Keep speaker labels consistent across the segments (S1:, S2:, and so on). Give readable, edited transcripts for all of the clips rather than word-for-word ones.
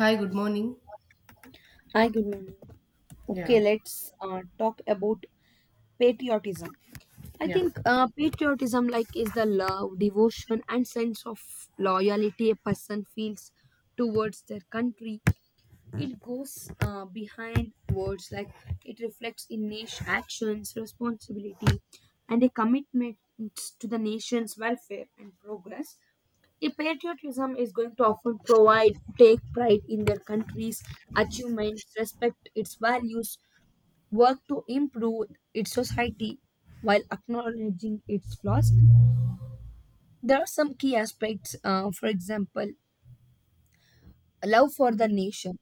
S1: Hi, good morning.
S2: Hi, good morning.
S1: Yeah,
S2: Okay, let's talk about patriotism. I
S1: yeah,
S2: think patriotism, like, is the love, devotion, and sense of loyalty a person feels towards their country. It goes behind words, like it reflects in nation actions, responsibility, and a commitment to the nation's welfare and progress. A patriotism is going to often provide, take pride in their country's achievements, respect its values, work to improve its society while acknowledging its flaws. There are some key aspects, for example, love for the nation.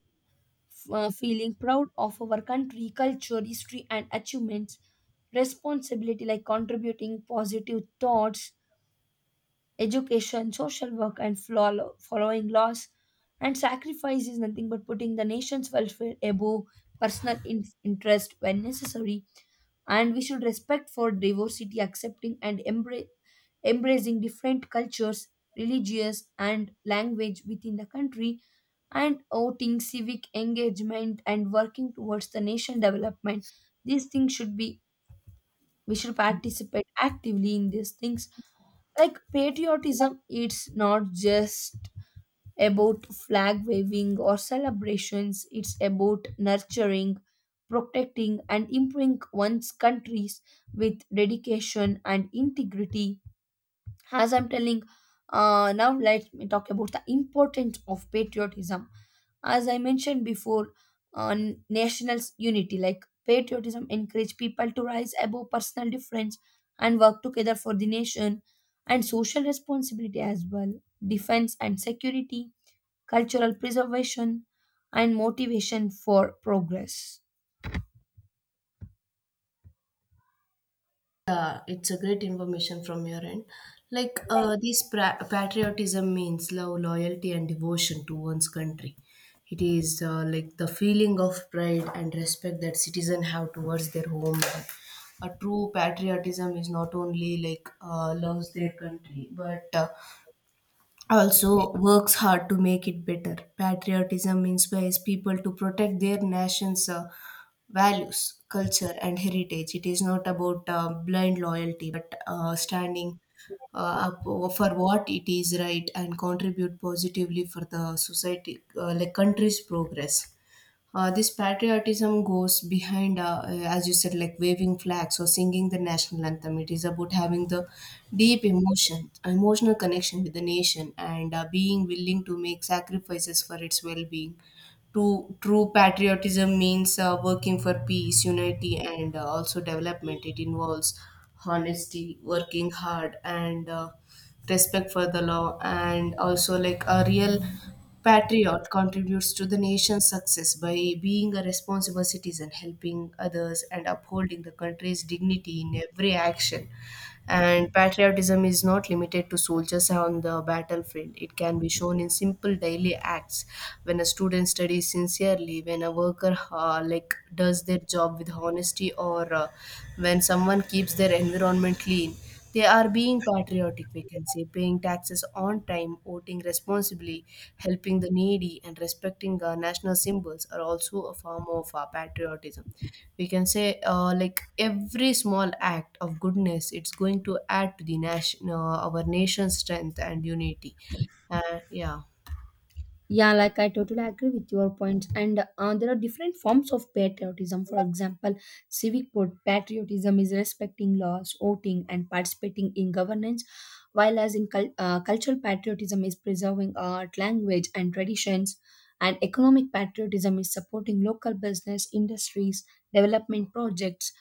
S2: Feeling proud of our country, culture, history, and achievements, responsibility like contributing positive thoughts, education, social work, and following laws. And sacrifice is nothing but putting the nation's welfare above personal interest when necessary. And we should respect for diversity, accepting and embracing different cultures, religious, and language within the country, and voting, civic engagement, and working towards the nation development. These things should be, we should participate actively in these things. Like patriotism, it's not just about flag waving or celebrations, it's about nurturing, protecting and improving one's countries with dedication and integrity. As I'm telling, now let me talk about the importance of patriotism. As I mentioned before, on national unity, like patriotism encourage people to rise above personal difference and work together for the nation, and social responsibility as well, defense and security, cultural preservation, and motivation for progress.
S1: It's a great information from your end. Patriotism means love, loyalty, and devotion to one's country. It is like the feeling of pride and respect that citizens have towards their homeland. A true patriotism is not only loves their country, but also works hard to make it better. Patriotism inspires people to protect their nation's values, culture, and heritage. It is not about blind loyalty, but standing up for what it is right and contribute positively for the society, like country's progress. This patriotism goes behind, as you said, like waving flags or singing the national anthem. It is about having the emotional connection with the nation, and being willing to make sacrifices for its well-being. True patriotism means working for peace, unity, and also development. It involves honesty, working hard, and respect for the law. And also, like a real patriot contributes to the nation's success by being a responsible citizen, helping others, and upholding the country's dignity in every action. And patriotism is not limited to soldiers on the battlefield. It can be shown in simple daily acts. When a student studies sincerely, when a worker like does their job with honesty, or when someone keeps their environment clean, they are being patriotic, we can say, paying taxes on time, voting responsibly, helping the needy, and respecting our national symbols are also a form of patriotism. We can say, like every small act of goodness, it's going to add to the nation, our nation's strength and unity. Yeah.
S2: Yeah, like I totally agree with your points. And there are different forms of patriotism. For example, civic patriotism is respecting laws, voting, and participating in governance, while as in cultural patriotism is preserving art, language, and traditions. And economic patriotism is supporting local business, industries, development projects.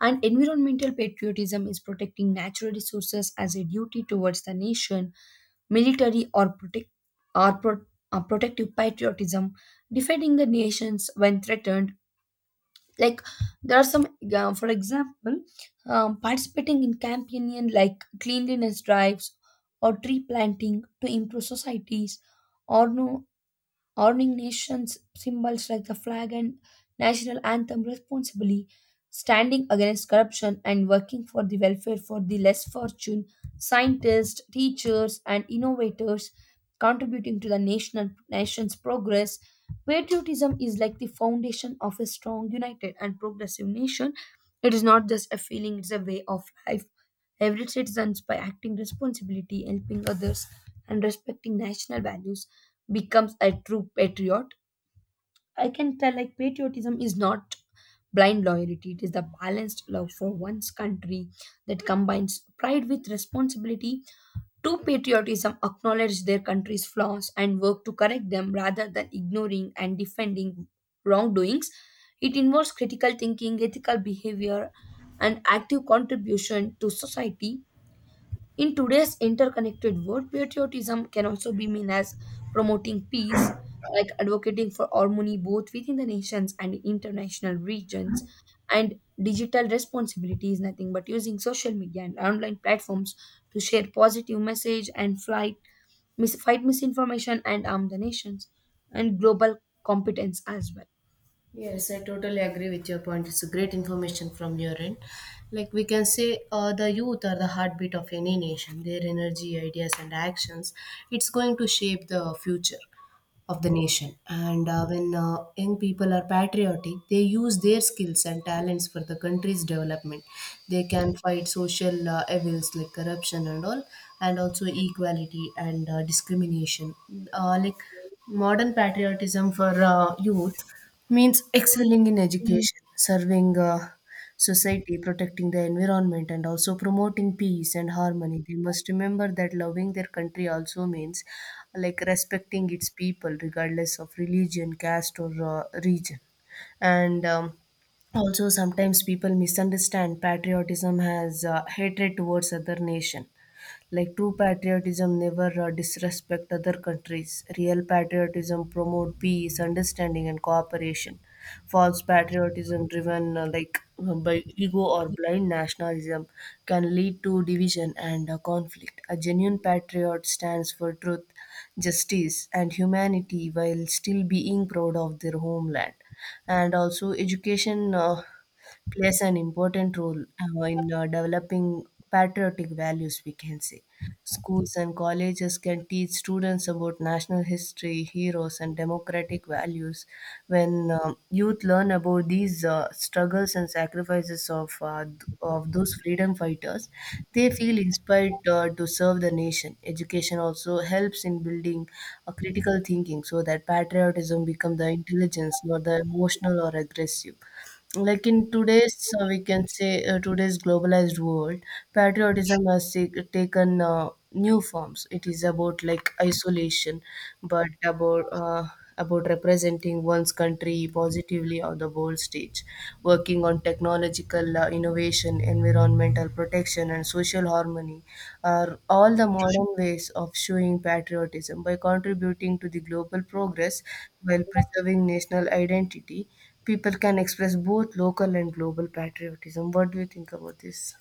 S2: And environmental patriotism is protecting natural resources as a duty towards the nation, military or or pro- protective patriotism, defending the nations when threatened. Like there are some, for example, participating in campaigning like cleanliness drives or tree planting to improve societies, or no, honoring nations symbols like the flag and national anthem responsibly, standing against corruption and working for the welfare for the less fortunate, scientists, teachers, and innovators, contributing to the national nation's progress. Patriotism is like the foundation of a strong, united, and progressive nation. It is not just a feeling, it's a way of life. Every citizen, by acting responsibility, helping others, and respecting national values, becomes a true patriot. I can tell, like patriotism is not blind loyalty, it is the balanced love for one's country that combines pride with responsibility. True patriotism acknowledges their country's flaws and work to correct them rather than ignoring and defending wrongdoings. It involves critical thinking, ethical behavior, and active contribution to society. In today's interconnected world, patriotism can also be seen as promoting peace, like advocating for harmony both within the nations and international regions. And digital responsibility is nothing but using social media and online platforms to share positive message and fight misinformation and arm the nations and global competence as well.
S1: Yes, I totally agree with your point. It's a great information from your end. Like we can say, the youth are the heartbeat of any nation. Their energy, ideas, and actions, it's going to shape the future of the nation. And when young people are patriotic, they use their skills and talents for the country's development. They can fight social evils like corruption and all, and also equality and discrimination. Uh, like Modern patriotism for youth means excelling in
S2: Mhm.
S1: education, serving. Society protecting the environment and also promoting peace and harmony. They must remember that loving their country also means like respecting its people regardless of religion, caste, or region. And also, sometimes people misunderstand patriotism as hatred towards other nation, like true patriotism never disrespect other countries. Real patriotism promote peace, understanding, and cooperation. False patriotism driven by ego or blind nationalism can lead to division and conflict. A genuine patriot stands for truth, justice, and humanity while still being proud of their homeland. And also, education plays an important role in developing patriotic values, we can say. Schools and colleges can teach students about national history, heroes, and democratic values. When youth learn about these struggles and sacrifices of those freedom fighters, they feel inspired to serve the nation. Education also helps in building a critical thinking so that patriotism becomes the intelligence, not the emotional or aggressive. Like in today's uh, we can say uh, today's globalized world, patriotism has taken new forms. It is about like isolation, but about representing one's country positively on the world stage. Working on technological innovation, environmental protection, and social harmony are all the modern ways of showing patriotism by contributing to the global progress while preserving national identity, people can express both local and global patriotism. What do you think about this?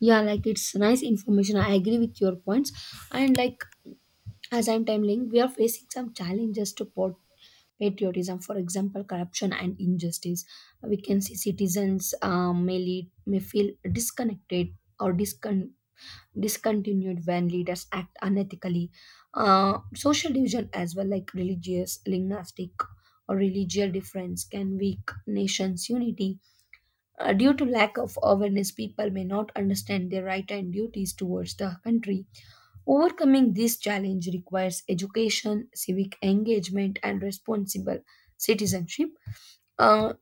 S2: Yeah, like it's nice information. I agree with your points. And like as I'm telling, we are facing some challenges to patriotism, for example, corruption and injustice. We can see citizens may lead may feel disconnected or discontinued when leaders act unethically. Social division as well, like religious, linguistic, or religious difference, can weak nations' unity. Due to lack of awareness, people may not understand their right and duties towards the country. Overcoming this challenge requires education, civic engagement, and responsible citizenship. Uh,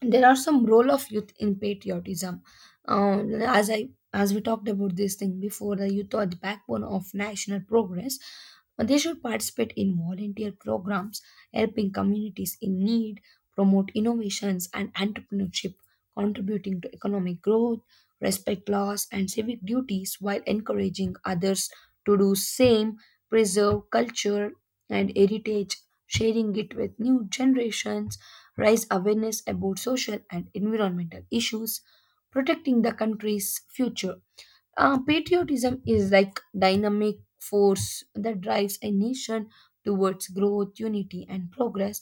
S2: there are some role of youth in patriotism. Uh, as i as we talked about this thing before, the youth are the backbone of national progress. They should participate in volunteer programs, helping communities in need, promote innovations and entrepreneurship, contributing to economic growth, respect laws and civic duties while encouraging others to do same, preserve culture and heritage, sharing it with new generations, raise awareness about social and environmental issues, protecting the country's future. Patriotism is like dynamic force that drives a nation towards growth, unity, and progress.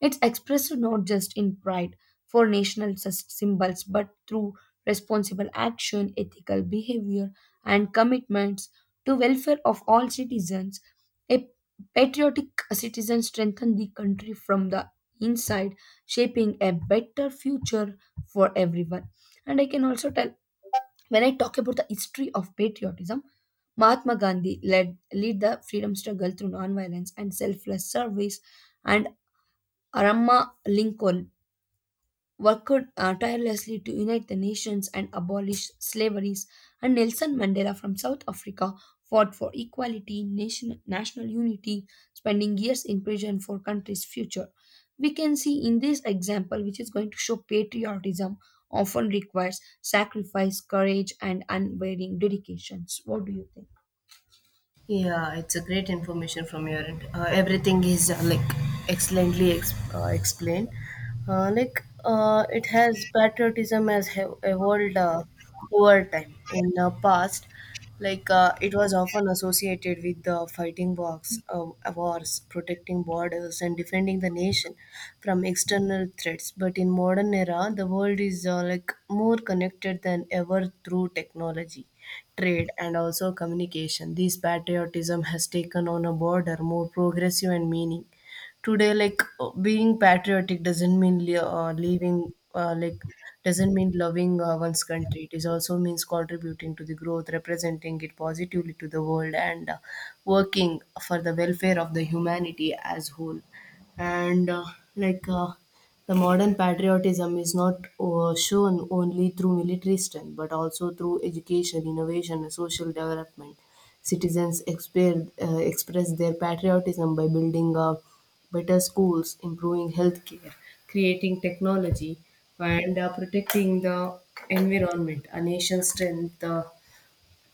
S2: It's expressed not just in pride for national symbols, but through responsible action, ethical behavior, and commitments to welfare of all citizens. A patriotic citizen strengthens the country from the inside, shaping a better future for everyone. And I can also tell, when I talk about the history of patriotism, Mahatma Gandhi led lead the freedom struggle through nonviolence and selfless service, and Aramma Lincoln worked tirelessly to unite the nations and abolish slaveries, and Nelson Mandela from South Africa fought for equality, national unity, spending years in prison for country's future. We can see in this example, which is going to show patriotism often requires sacrifice, courage, and unwavering dedications. What do you think?
S1: Yeah, it's a great information from your end. Everything is excellently explained. It has patriotism has have evolved over time. In the past, it was often associated with the fighting wars, wars, protecting borders, and defending the nation from external threats. But in modern era, the world is like more connected than ever through technology, trade, and also communication. This patriotism has taken on a broader, more progressive and meaning. Today, being patriotic doesn't mean li- leaving, like doesn't mean loving one's country. It is also means contributing to the growth, representing it positively to the world, and working for the welfare of the humanity as whole. And like. The modern patriotism is not shown only through military strength, but also through education, innovation, and social development. Citizens express their patriotism by building better schools, improving healthcare, creating technology, and protecting the environment. A nation's strength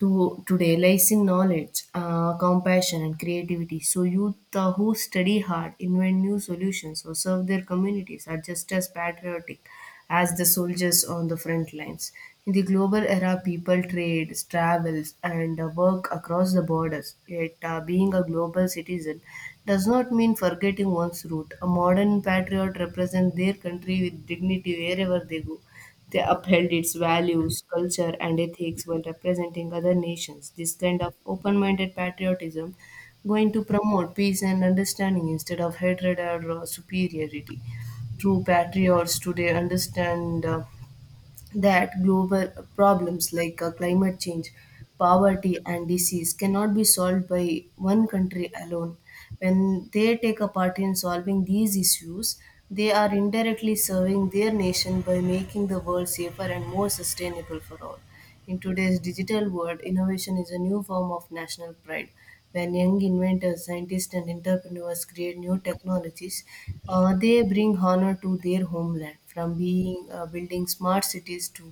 S1: to today lies in knowledge, compassion, and creativity. So youth who study hard, invent new solutions, or serve their communities are just as patriotic as the soldiers on the front lines. In the global era, people trade, travels, and work across the borders. Yet, being a global citizen does not mean forgetting one's root. A modern patriot represents their country with dignity wherever they go. They upheld its values, culture, and ethics while representing other nations. This kind of open minded patriotism going to promote peace and understanding instead of hatred or superiority. True patriots today understand that global problems like climate change, poverty, and disease cannot be solved by one country alone. When they take a part in solving these issues, they are indirectly serving their nation by making the world safer and more sustainable for all. In today's digital world, innovation is a new form of national pride. When young inventors, scientists, and entrepreneurs create new technologies, they bring honor to their homeland. From being building smart cities to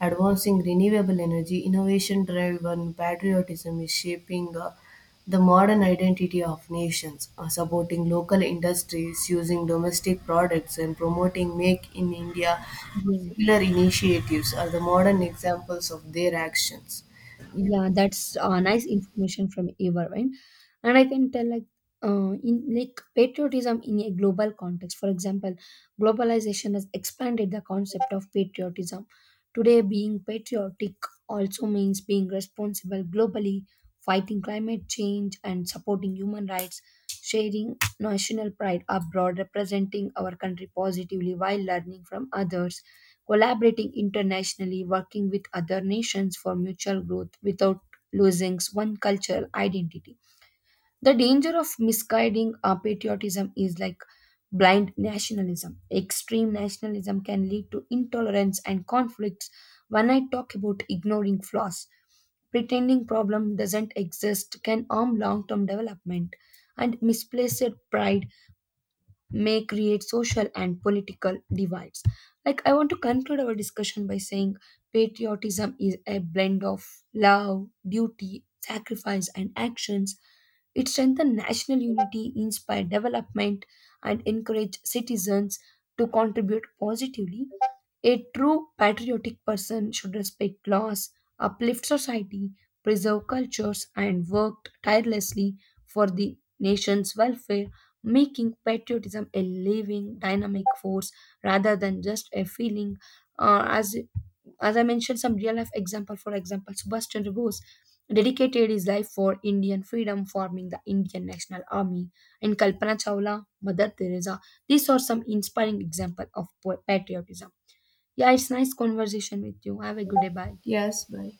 S1: advancing renewable energy, innovation driven patriotism is shaping. The modern identity of nations, supporting local industries, using domestic products, and promoting Make in India
S2: Yeah.
S1: similar initiatives are the modern examples of their actions.
S2: Yeah, that's nice information from eva, right? And I can tell like, in like patriotism in a global context, for example, globalization has expanded the concept of patriotism. Today being patriotic also means being responsible globally, fighting climate change and supporting human rights, sharing national pride abroad, representing our country positively while learning from others, collaborating internationally, working with other nations for mutual growth without losing one cultural identity. The danger of misguiding our patriotism is like blind nationalism. Extreme nationalism can lead to intolerance and conflicts. When I talk about ignoring flaws, pretending problem doesn't exist can harm long-term development, and misplaced pride may create social and political divides. Like, I want to conclude our discussion by saying patriotism is a blend of love, duty, sacrifice, and actions. It strengthens national unity, inspires development, and encourages citizens to contribute positively. A true patriotic person should respect laws, uplift society, preserve cultures, and work tirelessly for the nation's welfare, making patriotism a living, dynamic force rather than just a feeling. Uh, as as I mentioned, some real life example. For example, Subhash Chandra Bose dedicated his life for Indian freedom, forming the Indian National Army. And Kalpana Chawla, Mother Teresa. These are some inspiring example of patriotism. Yeah, it's nice conversation with you. Have a good day. Bye.
S1: Yes, bye.